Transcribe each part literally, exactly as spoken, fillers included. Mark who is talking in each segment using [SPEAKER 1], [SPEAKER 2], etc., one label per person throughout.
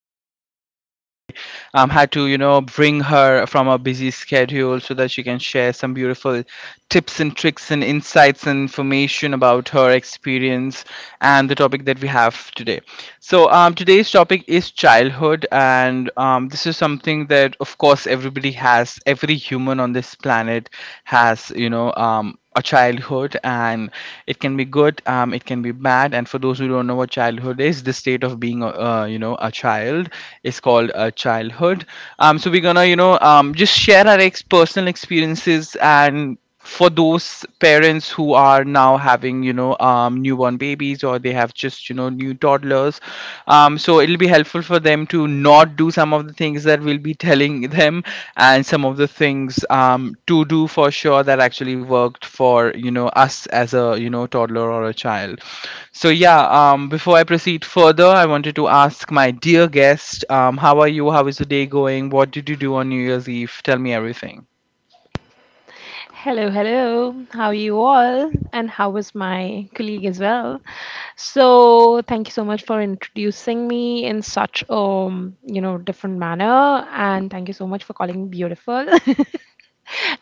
[SPEAKER 1] guest. Um, I um, had to you know bring her from a busy schedule so that she can share some beautiful tips and tricks and insights and information about her experience and the topic that we have today. So um, today's topic is childhood, and um, this is something that of course everybody has. Every human on this planet has you know um, a childhood, and it can be good, um, it can be bad. And for those who don't know what childhood is, the state of being a- uh, you know a child is called a childhood. Um, so we're gonna you know um, just share our ex- personal experiences. And for those parents who are now having you know um, newborn babies, or they have just you know new toddlers, um, so it'll be helpful for them to not do some of the things that we'll be telling them, and some of the things um, to do for sure that actually worked for you know us as a you know toddler or a child. So yeah, um, before I proceed further, I wanted to ask my dear guest, um, how are you? How is the day going? What did you do on New Year's Eve? Tell me everything.
[SPEAKER 2] Hello, hello. How are you all? And how was my colleague as well? So, thank you so much for introducing me in such a, you know, different manner and thank you so much for calling me beautiful.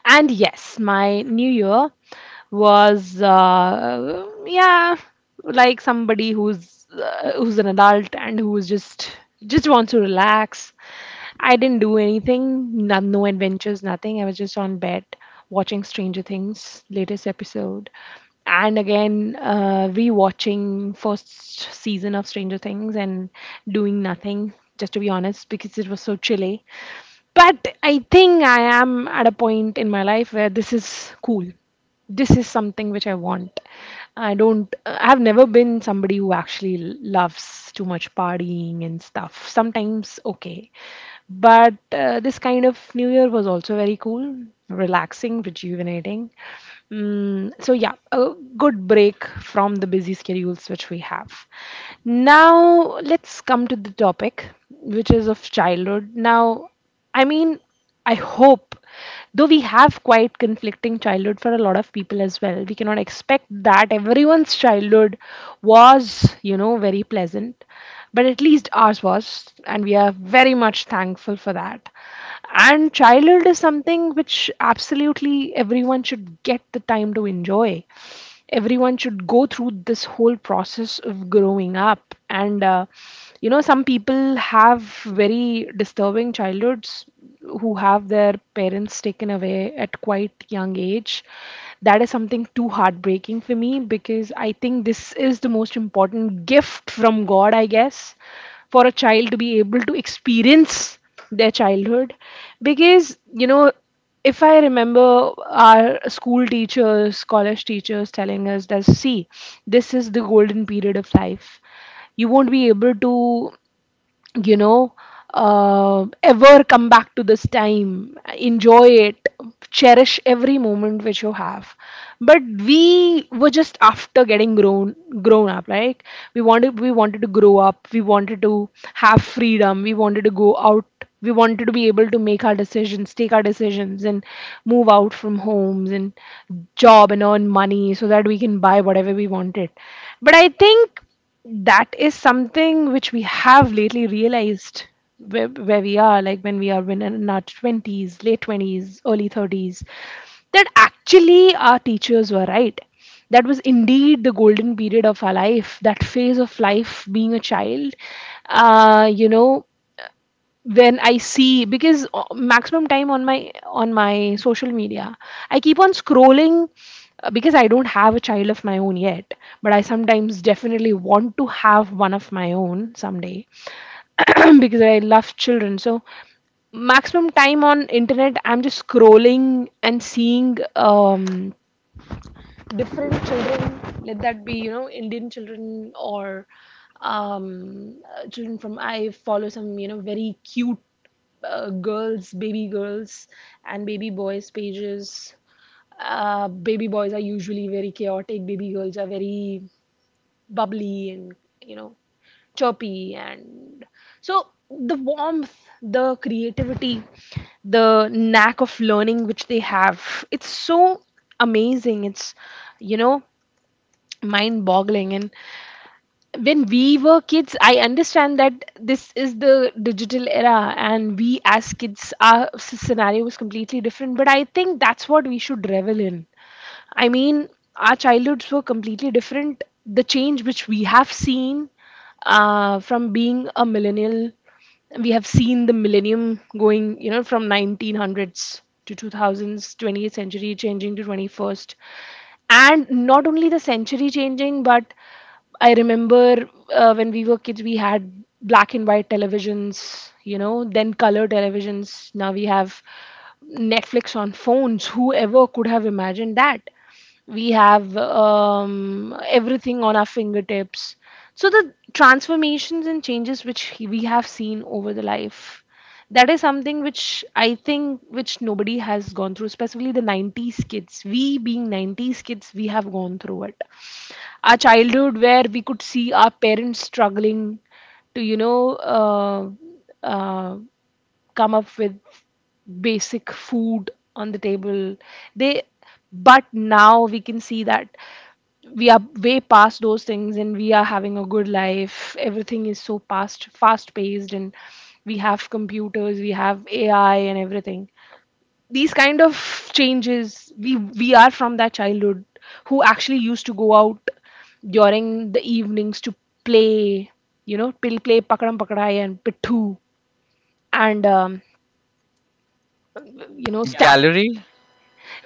[SPEAKER 2] And yes, my new year was, uh, yeah, like somebody who's uh, who's an adult and who's just just wants to relax. I didn't do anything, no, no adventures, nothing. I was just on bed watching Stranger Things latest episode, and again, uh, rewatching first season of Stranger Things and doing nothing. Just to be honest, because it was so chilly, but I think I am at a point in my life where this is cool. This is something which I want. I don't, I've never been somebody who actually loves too much partying and stuff. Sometimes, okay. But uh, this kind of New Year was also very cool, relaxing, rejuvenating. Mm, so yeah, a good break from the busy schedules which we have. Now let's come to the topic, which is of childhood. Now, I mean, I hope, though we have quite conflicting childhood for a lot of people as well. We cannot expect that everyone's childhood was, you know, very pleasant, but at least ours was, and we are very much thankful for that. And childhood is something which absolutely everyone should get the time to enjoy. Everyone should go through this whole process of growing up. And, uh, you know, some people have very disturbing childhoods who have their parents taken away at quite young age. That is something too heartbreaking for me, because I think this is the most important gift from God, I guess, for a child to be able to experience their childhood. Because, you know, if I remember, our school teachers, college teachers telling us that, see, this is the golden period of life. You won't be able to, you know uh, ever come back to this time. Enjoy it, cherish every moment which you have. But we were just after getting grown grown up. Like, we wanted we wanted to grow up, we wanted to have freedom, we wanted to go out, we wanted to be able to make our decisions, take our decisions, and move out from homes, and job and earn money so that we can buy whatever we wanted. But I think that is something which we have lately realized, where, where we are, like when we are, when in our twenties, late twenties, early thirties, that actually our teachers were right. That was indeed the golden period of our life, that phase of life being a child. uh, you know when I see, because, uh, maximum time on my on my social media, I keep on scrolling, uh, because I don't have a child of my own yet, but I sometimes definitely want to have one of my own someday. Because I love children. So maximum time on internet, I'm just scrolling and seeing um different children, let that be, you know, Indian children, or um, uh, children from, I follow some, you know, very cute, uh, girls, baby girls, and baby boys pages. Uh, baby boys are usually very chaotic, baby girls are very bubbly, and, you know, chirpy. And so the warmth, the creativity, the knack of learning which they have, it's so amazing. It's, you know, mind boggling. And when we were kids, I understand that this is the digital era, and we as kids, our s- scenario was completely different, but I think that's what we should revel in. I mean, our childhoods were completely different. The change which we have seen, uh, from being a millennial, we have seen the millennium going, you know, from nineteen hundreds to two thousands, twentieth century changing to twenty-first. And not only the century changing, but I remember, uh, when we were kids, we had black and white televisions, you know, then color televisions. Now we have Netflix on phones. Whoever could have imagined that? We have, um, everything on our fingertips. So the transformations and changes which he- we have seen over the life, that is something which, I think, which nobody has gone through, especially the nineties kids. We, being nineties kids, we have gone through it. Our childhood, where we could see our parents struggling to, you know, uh, uh, come up with basic food on the table. They, but now we can see that we are way past those things, and we are having a good life. Everything is so past fast paced, and we have computers, we have ai and everything. These kind of changes, we we are from that childhood who actually used to go out during the evenings to play, you know, play play pakadam pakadai and pittu, and, um, you know Yeah, stab.
[SPEAKER 1] Gallery,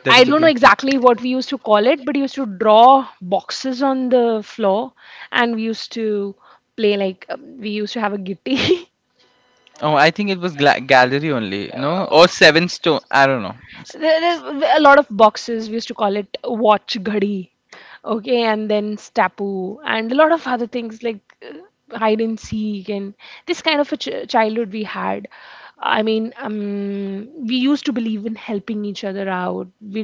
[SPEAKER 1] there
[SPEAKER 2] I
[SPEAKER 1] was a
[SPEAKER 2] don't know
[SPEAKER 1] game.
[SPEAKER 2] exactly what we used to call it, but we used to draw boxes on the floor, and we used to play, like, um, we used to have a gitti.
[SPEAKER 1] Oh, I think it was gla- gallery only, no? Or seven stone, I don't know. S-
[SPEAKER 2] There there- a lot of boxes. We used to call it watch ghadi, okay, and then stapu, and a lot of other things like, uh, hide and seek, and this kind of a ch- childhood we had. I mean, um, we used to believe in helping each other out. We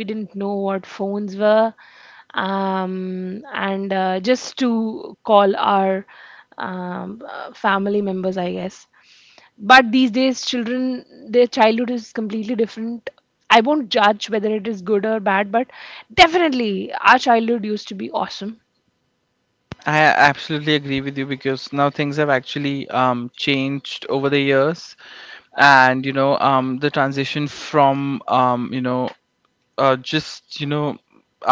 [SPEAKER 2] we didn't know what phones were, um, and uh, just to call our um, uh, family members, I guess. But these days children, their childhood is completely different. I won't judge whether it is good or bad, but definitely our childhood used to be awesome.
[SPEAKER 1] I absolutely agree with you, because now things have actually um, changed over the years. And you know um, the transition from um, you know uh, just you know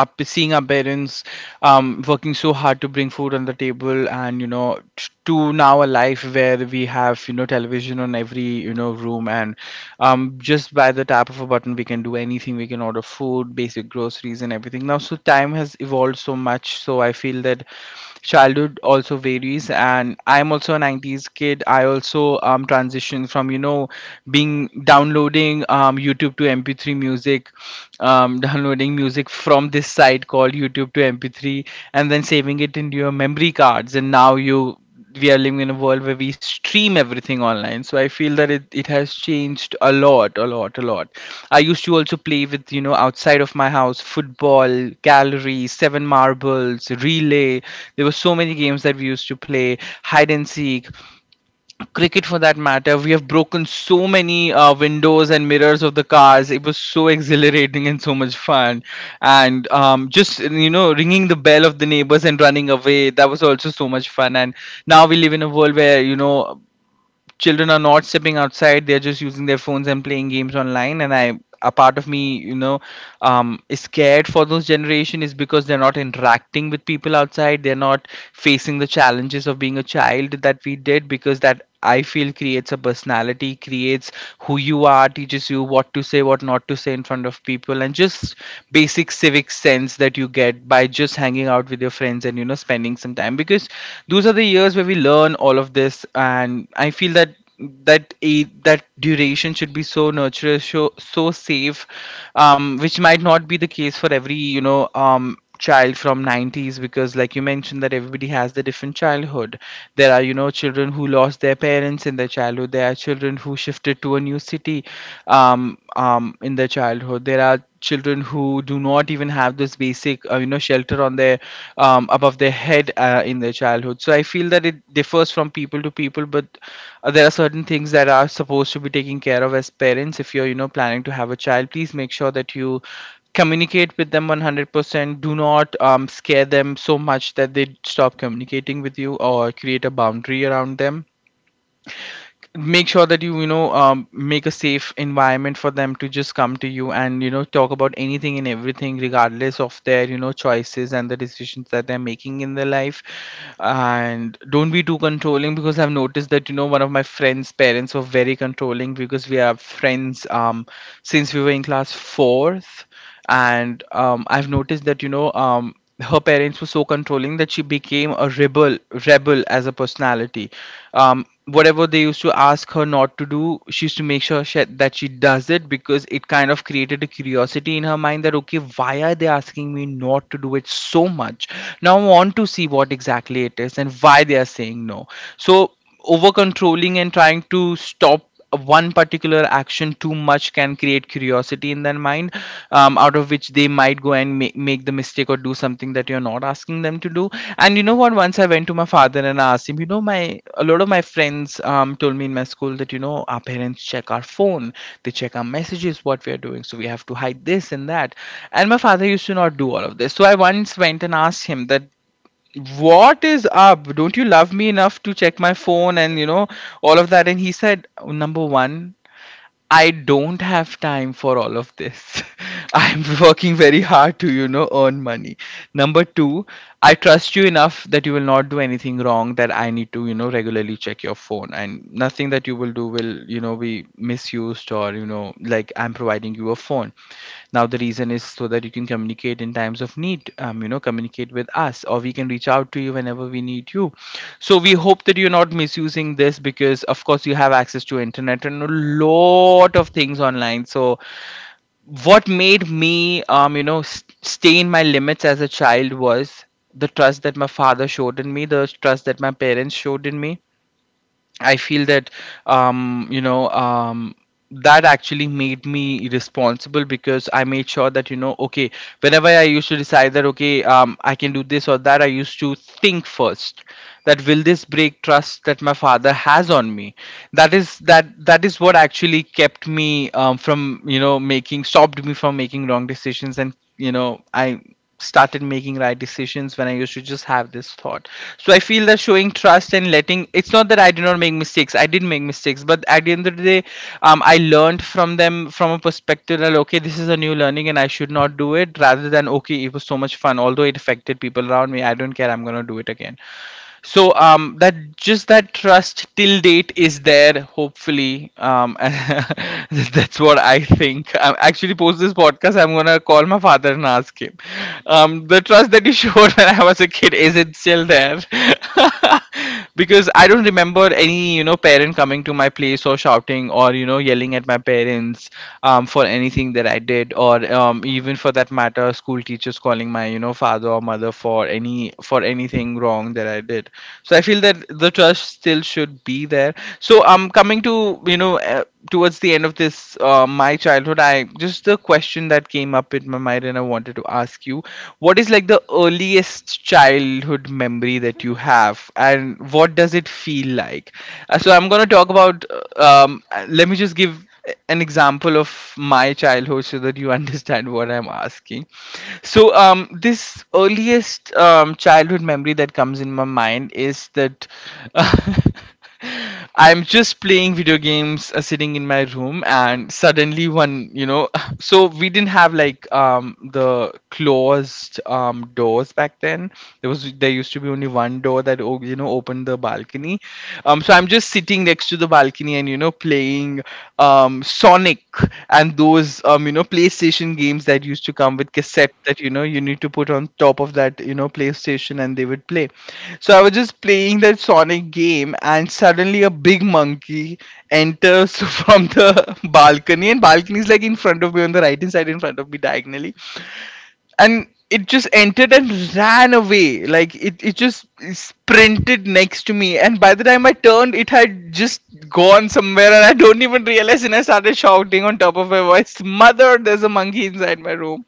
[SPEAKER 1] up seeing our parents um, working so hard to bring food on the table, and you know t- to now a life where we have you know television on every you know room, and um, just by the tap of a button we can do anything. We can order food, basic groceries, and everything now. So time has evolved so much, so I feel that childhood also varies. And I'm also a nineties kid. I also um transitioned from you know being downloading downloading um, YouTube to M P three music, um, downloading music from this site called YouTube to M P three, and then saving it into your memory cards. And now you we are living in a world where we stream everything online. So I feel that it, it has changed a lot, a lot a lot. I used to also play with, you know outside of my house, football, gallery, seven marbles, relay. There were so many games that we used to play. Hide and seek, cricket for that matter. We have broken so many uh, windows and mirrors of the cars. It was so exhilarating and so much fun. And um, just you know ringing the bell of the neighbors and running away, that was also so much fun. And now we live in a world where you know children are not stepping outside, they're just using their phones and playing games online. And I a part of me, you know um, is scared for those generation is, because they're not interacting with people outside, they're not facing the challenges of being a child that we did. Because that I feel creates a personality, creates who you are, teaches you what to say, what not to say in front of people, and just basic civic sense that you get by just hanging out with your your friends and you know spending some time, because those are the years where we learn all of this. And I feel that that a that duration should be so nurturous, so, so safe, um which might not be the case for every you know um child from nineties, because like you mentioned, that everybody has the different childhood. There are you know children who lost their parents in their childhood, there are children who shifted to a new city um um in their childhood. There are children who do not even have this basic, uh, you know, shelter on their um, above their head uh, in their childhood. So I feel that it differs from people to people. But uh, there are certain things that are supposed to be taken care of as parents. If you're, you know, planning to have a child, please make sure that you communicate with them one hundred percent. Do not um, scare them so much that they stop communicating with you, or create a boundary around them. Make sure that you you know um, make a safe environment for them to just come to you and you know talk about anything and everything, regardless of their you know choices and the decisions that they're making in their life. And don't be too controlling, because I've noticed that you know one of my friends parents were very controlling. Because we are friends um since we were in class fourth, and um, I've noticed that you know um, her parents were so controlling that she became a rebel rebel as a personality. Um, whatever they used to ask her not to do, she used to make sure she, that she does it, because it kind of created a curiosity in her mind that okay, why are they asking me not to do it so much? Now I want to see what exactly it is and why they are saying no. So over controlling and trying to stop one particular action too much can create curiosity in their mind, um, out of which they might go and ma- make the mistake or do something that you're not asking them to do. And you know what, once I went to my father and I asked him, you know my, a lot of my friends um, told me in my school that you know our parents check our phone, they check our messages, what we are doing, so we have to hide this and that. And my father used to not do all of this. So I once went and asked him that, what is up? Don't you love me enough to check my phone and you know all of that? And he said, number one, I don't have time for all of this. I'm working very hard to you know earn money. Number two, I trust you enough that you will not do anything wrong that I need to you know regularly check your phone, and nothing that you will do will you know be misused. Or you know like, I'm providing you a phone now, the reason is so that you can communicate in times of need. um, you know communicate with us, or we can reach out to you whenever we need you. So we hope that you're not misusing this, because of course you have access to internet and a lot of things online. So what made me um, you know s stay in my limits as a child was the trust that my father showed in me, the trust that my parents showed in me. I feel that um, you know um, that actually made me responsible, because I made sure that you know okay, whenever I used to decide that okay, um, I can do this or that, I used to think first that, will this break trust that my father has on me? That is that that is what actually kept me, um, from you know making, stopped me from making wrong decisions. And you know I started making right decisions when I used to just have this thought. So I feel that showing trust and letting, it's not that I did not make mistakes. I did make mistakes, but at the end of the day, um, I learned from them from a perspective that okay, this is a new learning and I should not do it, rather than okay, it was so much fun. Although it affected people around me, I don't care. I'm gonna do it again. So um that, just that trust till date is there, hopefully. Um that's what I think. I actually, post this podcast, I'm gonna call my father and ask him, um the trust that you showed when I was a kid, is it still there? Because I don't remember any, you know, parent coming to my place or shouting or, you know, yelling at my parents um for anything that I did, or um even for that matter matter school teachers calling my, you know, father or mother for any, for anything wrong that I did. So I feel that the trust still should be there. So um coming to, you know, uh, towards the end of this, uh, my childhood, I just, the question that came up in my mind and I wanted to ask you, what is like the earliest childhood memory that you have, and what does it feel like? Uh, so I'm going to talk about uh, um uh, let me just give an example of my childhood so that you understand what I'm asking. So, um, this earliest um, childhood memory that comes in my mind is that, I'm just playing video games, uh, sitting in my room, and suddenly one, you know, so we didn't have like um, the closed um, doors back then. There was there used to be only one door that o- you know, opened the balcony. Um so I'm just sitting next to the balcony and, you know, playing um Sonic, and those, um you know, PlayStation games that used to come with cassette that, you know, you need to put on top of that, you know, PlayStation, and they would play. So I was just playing that Sonic game, and suddenly a big monkey enters from the balcony, and balcony is like in front of me on the right hand side, in front of me diagonally. And it just entered and ran away. Like it, it just sprinted next to me, and by the time I turned, it had just gone somewhere and I don't even realize, and I started shouting on top of my voice, "Mother, there's a monkey inside my room."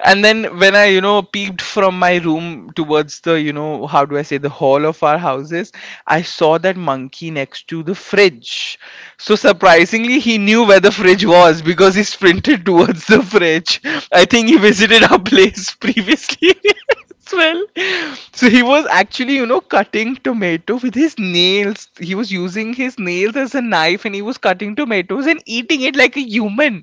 [SPEAKER 1] And then when I, you know, peeped from my room towards the, you know, how do I say, the hall of our houses, I saw that monkey next to the fridge. So surprisingly, he knew where the fridge was, because he sprinted towards the fridge. I think he visited our place previously as well. So he was actually, you know, cutting tomato with his nails. He was using his nails as a knife, and he was cutting tomatoes and eating it like a human.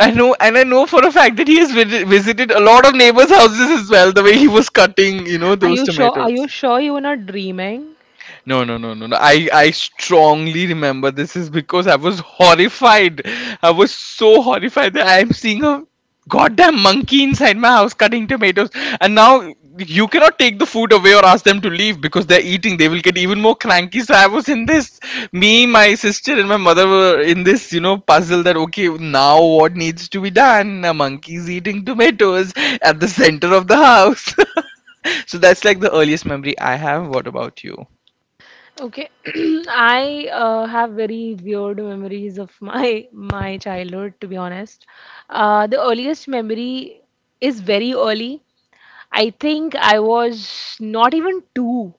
[SPEAKER 1] I know, and I know for a fact that he has vid- visited a lot of neighbors' houses as well. The way he was cutting, you know,
[SPEAKER 2] Are
[SPEAKER 1] those
[SPEAKER 2] you sure? Are you
[SPEAKER 1] tomatoes.
[SPEAKER 2] sure you were not dreaming?
[SPEAKER 1] No, no, no, no, no. I, I strongly remember this, is because I was horrified. I was so horrified that I'm seeing a goddamn monkey inside my house cutting tomatoes. And now you cannot take the food away or ask them to leave because they're eating. They will get even more cranky. So I was in this. Me, my sister, and my mother were in this, you know, puzzle that, okay, now what needs to be done? A monkey's eating tomatoes at the center of the house. So that's like the earliest memory I have. What about you?
[SPEAKER 2] Okay. I, uh, have very weird memories of my my childhood, to be honest. Uh, the earliest memory is very early. I think I was not even two.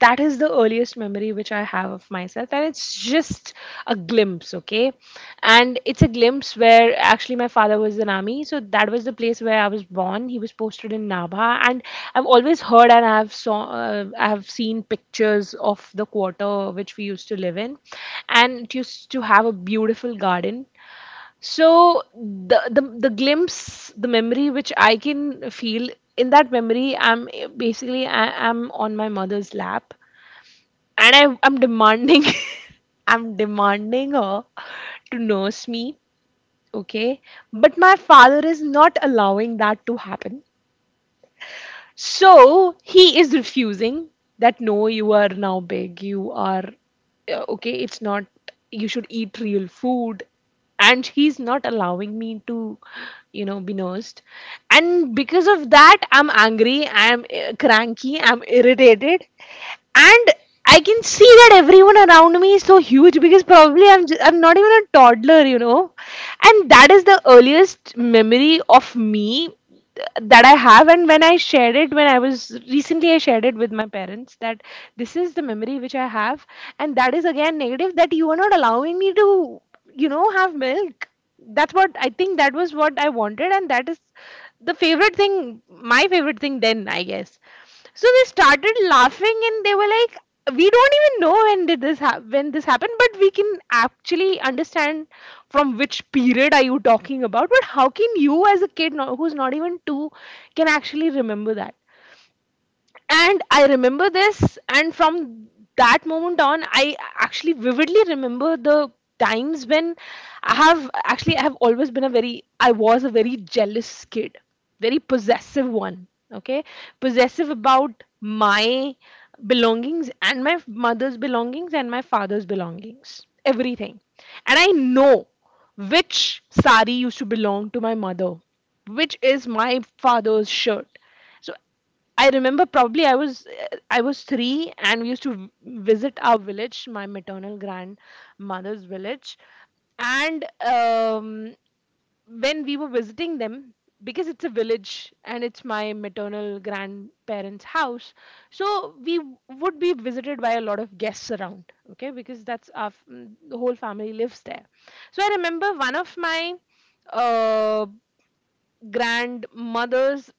[SPEAKER 2] That is the earliest memory which I have of myself, and it's just a glimpse, okay? And it's a glimpse where actually my father was in army, so that was the place where I was born. He was posted in Nabha, and I've always heard and I've saw uh, I've seen pictures of the quarter which we used to live in, and it used to have a beautiful garden. So the, the the glimpse, the memory which I can feel in that memory, I'm basically I, I'm on my mother's lap, and I I'm demanding, I'm demanding her to nurse me, okay? But my father is not allowing that to happen. So he is refusing that, no, you are now big, you are, uh, okay, it's not, you should eat real food. And he's not allowing me to, you know, be nursed. And because of that, I'm angry, I'm, uh, cranky, I'm irritated. And I can see that everyone around me is so huge, because probably I'm, just, I'm not even a toddler, you know. And that is the earliest memory of me that I have, and when I shared it, when I was recently, I shared it with my parents that this is the memory which I have, and that is again negative, that you are not allowing me to, you know, have milk. That's what I think that was what I wanted, and that is the favorite thing, my favorite thing then, I guess. So they started laughing and they were like, "We don't even know when did this ha- when this happened, but we can actually understand from which period are you talking about. But how can you, as a kid, not, who's not even two, can actually remember that?" And I remember this, and from that moment on, I actually vividly remember the times when i have actually I have always been a very, I was a very jealous kid, very possessive one, okay. Possessive about my belongings and my mother's belongings and my father's belongings, everything. And I know which sari used to belong to my mother, which is my father's shirt. So I remember, probably I was, uh, I was three, and we used to v- visit our village, my maternal grandmother's village, and, um, when we were visiting them, because it's a village and it's my maternal grandparents' house, so we w- would be visited by a lot of guests around. Okay, because that's our f- the whole family lives there. So I remember one of my. Uh, grandmother's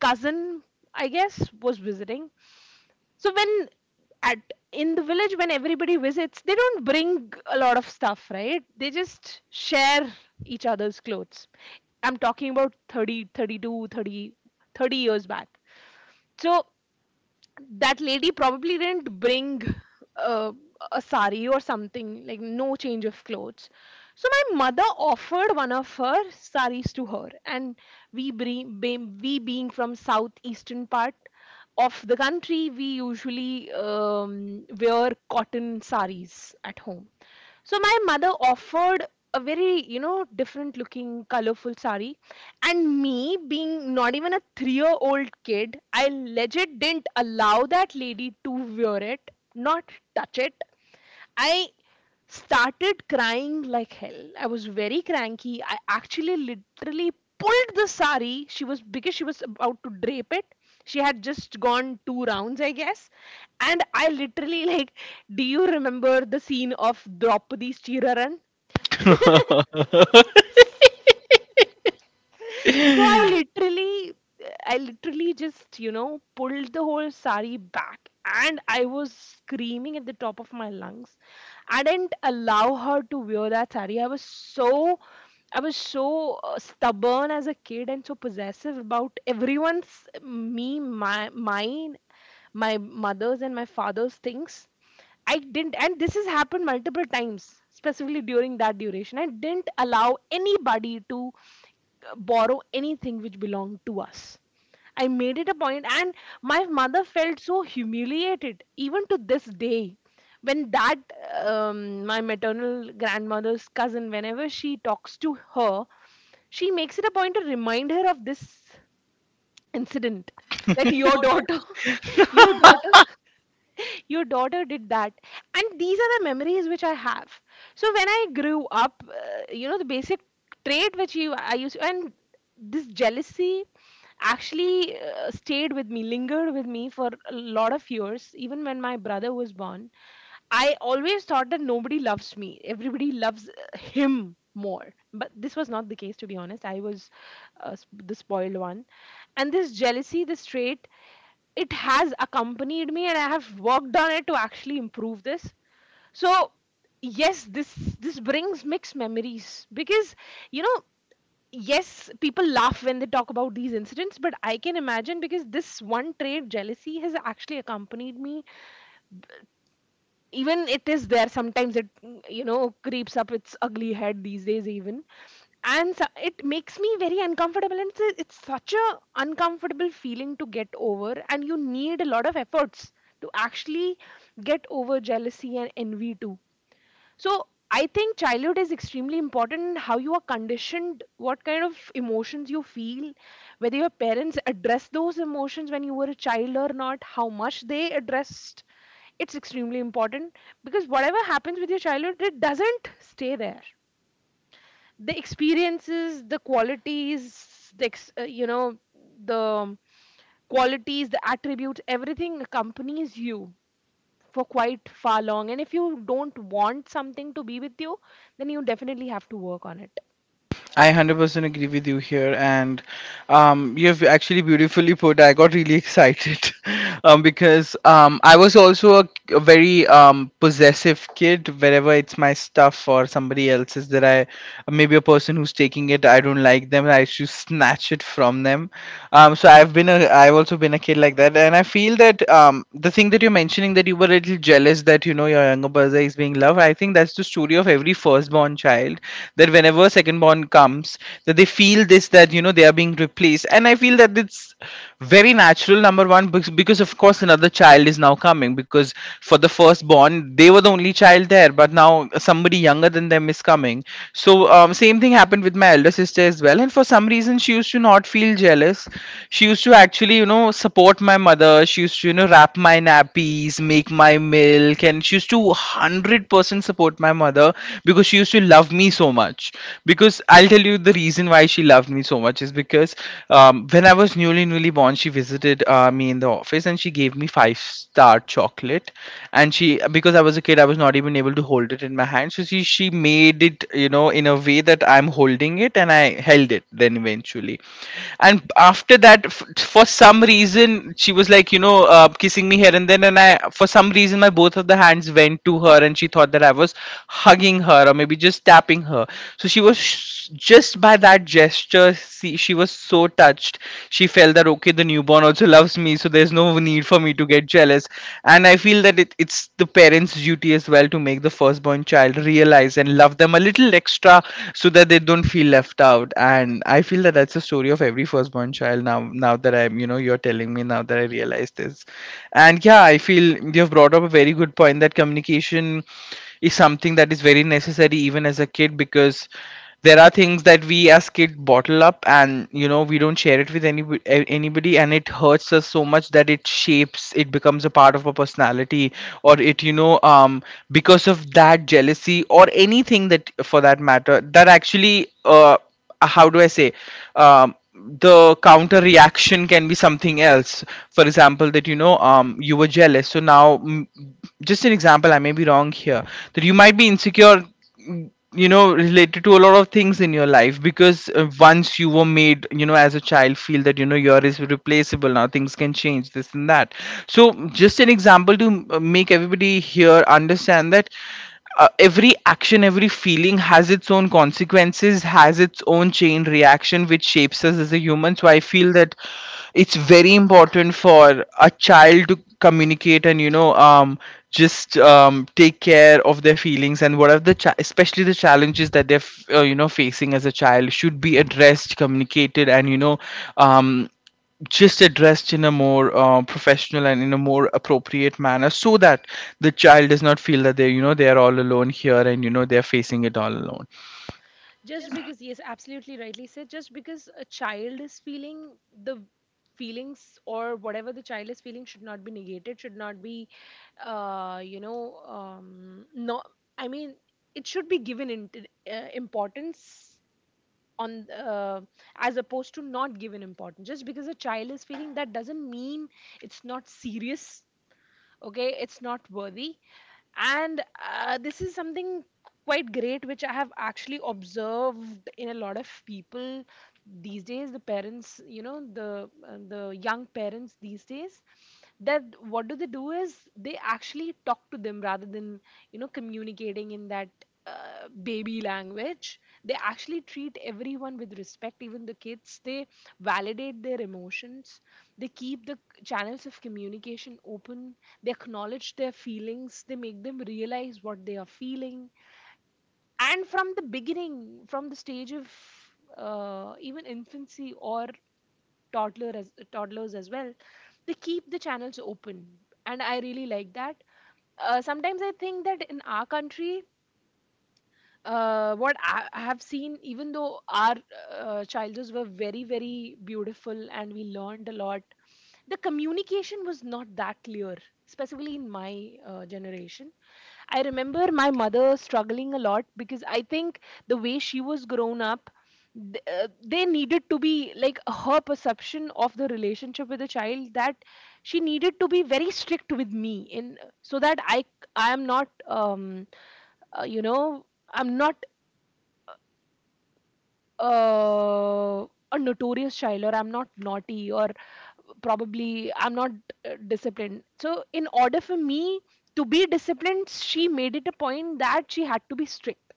[SPEAKER 2] cousin, I guess, was visiting. So when, at, in the village when everybody visits, they don't bring a lot of stuff, right? They just share each other's clothes. I'm talking about thirty, thirty-two, thirty, thirty years back. So that lady probably didn't bring uh, a sari or something like no change of clothes. So my mother offered one of her saris to her, and we bring we, being from southeastern part of the country, we usually um, wear cotton saris at home. So my mother offered a very, you know, different looking, colorful sari, and me being not even a three year old kid, I legit didn't allow that lady to wear it, not touch it. I started crying like hell. I was very cranky. I actually literally pulled the sari. She was, because she was about to drape it, she had just gone two rounds, I guess, and I literally like, do you remember the scene of Draupadi's Chiraran? So I literally, I literally just, you know, pulled the whole sari back, and I was screaming at the top of my lungs. I didn't allow her to wear that sari. I was so, I was so uh, stubborn as a kid, and so possessive about everyone's, me, my, mine, my mother's and my father's things. I didn't, and this has happened multiple times, specifically during that duration. I didn't allow anybody to uh, borrow anything which belonged to us. I made it a point, and my mother felt so humiliated, even to this day. When that, um, my maternal grandmother's cousin, whenever she talks to her, she makes it a point to remind her of this incident, that your daughter, your daughter. Your daughter did that. And these are the memories which I have. So when I grew up, uh, you know, the basic trait which you I used, and this jealousy actually uh, stayed with me, lingered with me for a lot of years, even when my brother was born. I always thought that nobody loves me. Everybody loves uh, him more. But this was not the case, to be honest. I was uh, sp- the spoiled one. And this jealousy, this trait, it has accompanied me, and I have worked on it to actually improve this. So yes, this this brings mixed memories, because, you know, yes, people laugh when they talk about these incidents, but I can imagine, because this one trait, jealousy, has actually accompanied me. Even it is there sometimes. It, you know, creeps up its ugly head these days even. And so, it makes me very uncomfortable, and it's, a, it's such a uncomfortable feeling to get over, and you need a lot of efforts to actually get over jealousy and envy too. So I think childhood is extremely important. How you are conditioned, what kind of emotions you feel, whether your parents address those emotions when you were a child or not, how much they addressed. It's extremely important, because whatever happens with your childhood, it doesn't stay there. The experiences, the qualities, the ex- uh, you know, the qualities, the attributes, everything accompanies you for quite far long, and if you don't want something to be with you, then you definitely have to work on it.
[SPEAKER 1] I one hundred percent agree with you here, and um, you have actually beautifully put. I got really excited. Um, because um, I was also a, a very um, possessive kid. Wherever it's my stuff or somebody else's, that I, maybe a person who's taking it, I don't like them, I should snatch it from them. Um so I've been a, I've also been a kid like that, and I feel that, um the thing that you're mentioning, that you were a little jealous that, you know, your younger brother is being loved, I think that's the story of every firstborn child, that whenever secondborn comes, that they feel this, that, you know, they are being replaced. And I feel that it's very natural, number one, because, because of course another child is now coming, because for the firstborn, they were the only child there, but now somebody younger, longer than them is coming. So um, same thing happened with my elder sister as well. And for some reason, she used to not feel jealous. She used to actually, you know, support my mother. She used to, you know, wrap my nappies, make my milk, and she used to one hundred percent support my mother, because she used to love me so much. Because I'll tell you the reason why she loved me so much is because um, when I was newly newly born, she visited uh, me in the office and she gave me five star chocolate. And she, because I was a kid, I was not even even able to hold it in my hand. So she she made it, you know, in a way that I'm holding it, and I held it then eventually. And after that, f- for some reason, she was like, you know, uh, kissing me here and then, and I, for some reason, my both of the hands went to her, and she thought that I was hugging her or maybe just tapping her. So she was, sh- just by that gesture, see, she was so touched. She felt that, okay, the newborn also loves me, so there's no need for me to get jealous. And I feel that it, it it's the parents' duty as well to make the firstborn child realize and love them a little extra, so that they don't feel left out. And I feel that that's the story of every firstborn child now. Now that I'm, you know, you're telling me, now that I realize this, and yeah, I feel you've brought up a very good point, that communication is something that is very necessary even as a kid, because there are things that we as kids bottle up, and you know, we don't share it with any, eh, anybody, and it hurts us so much that it shapes, it becomes a part of our personality, or it, you know, um because of that jealousy or anything that, for that matter, that actually, uh how do I say, um the counter reaction can be something else. For example, that, you know, um you were jealous, so now, mm, just an example, I may be wrong here, that you might be insecure, you know, related to a lot of things in your life, because uh, once you were made, you know, as a child, feel that, you know, you are is replaceable, now things can change this and that. So just an example to uh, make everybody here understand that uh, every action, every feeling has its own consequences, has its own chain reaction, which shapes us as a human. So I feel that it's very important for a child to communicate and, you know, um just um take care of their feelings, and what are the cha- especially the challenges that they're, f- uh, you know, facing as a child, should be addressed, communicated, and you know, um just addressed in a more uh, professional and in a more appropriate manner, so that the child does not feel that they, you know, they are all alone here, and you know, they're facing it all alone.
[SPEAKER 2] Just because, yes, absolutely rightly said, just because a child is feeling the feelings, or whatever the child is feeling, should not be negated, should not be, uh, you know, um, no, I mean, it should be given in, uh, importance on, uh, as opposed to not given importance. Just because a child is feeling, that doesn't mean it's not serious, okay, it's not worthy. And uh, this is something quite great which I have actually observed in a lot of people these days, the parents, you know, the uh, the young parents these days, that what do they do is they actually talk to them, rather than, you know, communicating in that uh, baby language. They actually treat everyone with respect, even the kids. They validate their emotions, they keep the channels of communication open, they acknowledge their feelings, they make them realize what they are feeling, and from the beginning, from the stage of uh, even infancy, or toddler, as toddlers as well, they keep the channels open. And I really like that. Uh, sometimes I think that in our country, uh, what I, I have seen, even though our uh, childhoods were very, very beautiful and we learned a lot, the communication was not that clear, specifically in my uh, generation. I remember my mother struggling a lot, because I think the way she was grown up, th- uh, they needed to be, like, her perception of the relationship with the child, that she needed to be very strict with me, in so that i i am not um uh, you know I'm not uh, a notorious child, or I'm not naughty, or probably I'm not uh, disciplined. So in order for me to be disciplined, she made it a point that she had to be strict.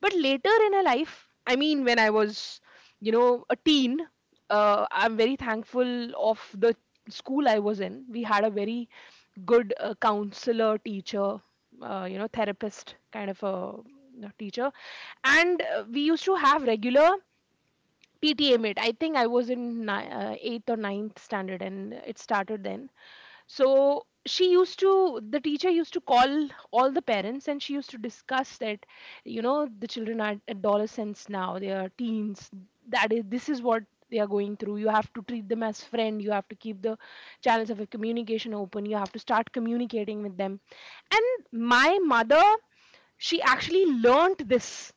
[SPEAKER 2] But later in her life, I mean, when I was, you know, a teen, uh, I'm very thankful of the school I was in. We had a very good uh, counselor, teacher, uh, you know, therapist kind of a, you know, teacher, and uh, we used to have regular P T A mate. I think I was in ni- uh, eighth or ninth standard, and it started then. So she used to, the teacher used to call all the parents, and she used to discuss that, you know, the children are adolescents now, they are teens. That is, this is what they are going through. You have to treat them as friend. You have to keep the channels of communication open. You have to start communicating with them. And my mother, she actually learnt this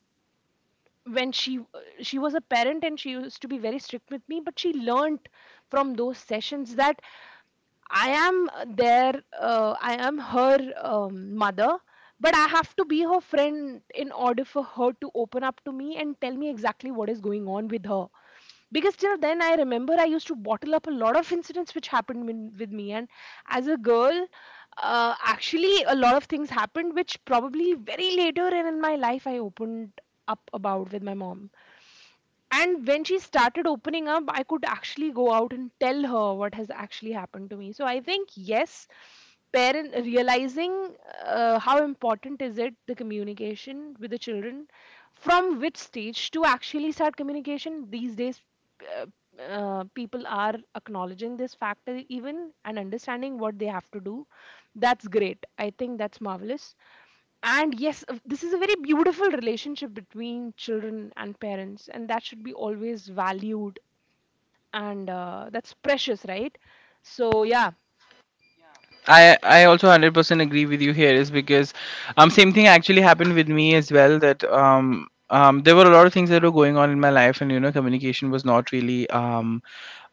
[SPEAKER 2] when she she was a parent, and she used to be very strict with me, but she learnt from those sessions that I am, uh, there, uh, I am her um, mother, but I have to be her friend in order for her to open up to me and tell me exactly what is going on with her. Because till then, I remember I used to bottle up a lot of incidents which happened min- with me, and as a girl, uh, actually, a lot of things happened which probably very later in my life I opened up about with my mom. And when she started opening up, I could actually go out and tell her what has actually happened to me. So I think, yes, parent realizing uh, how important is it, the communication with the children, from which stage to actually start communication these days. uh, uh, People are acknowledging this factor even, and understanding what they have to do. That's great, I think that's marvelous. And yes, uh, this is a very beautiful relationship between children and parents, and that should be always valued. And uh, that's precious, right? So yeah,
[SPEAKER 1] I I also hundred percent agree with you here, is because um same thing actually happened with me as well, that um um there were a lot of things that were going on in my life, and you know, communication was not really um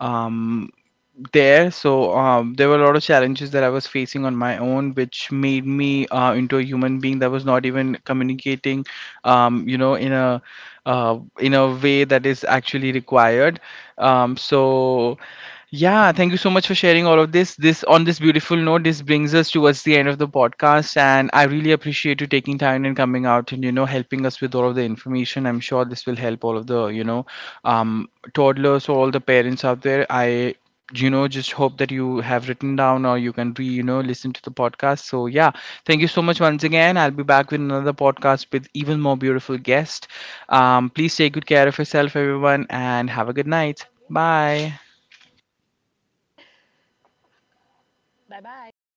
[SPEAKER 1] um there. So um, there were a lot of challenges that I was facing on my own, which made me uh, into a human being that was not even communicating, um, you know, in a, uh, in a way that is actually required. Um, so yeah, thank you so much for sharing all of this. This, on this beautiful note, this brings us towards the end of the podcast, and I really appreciate you taking time and coming out and, you know, helping us with all of the information. I'm sure this will help all of the, you know, um, toddlers or all the parents out there. I, you know, just hope that you have written down or you can re you know, listen to the podcast. So yeah, thank you so much once again. I'll be back with another podcast with even more beautiful guest. Um, please take good care of yourself, everyone, and have a good night. Bye.
[SPEAKER 2] bye bye.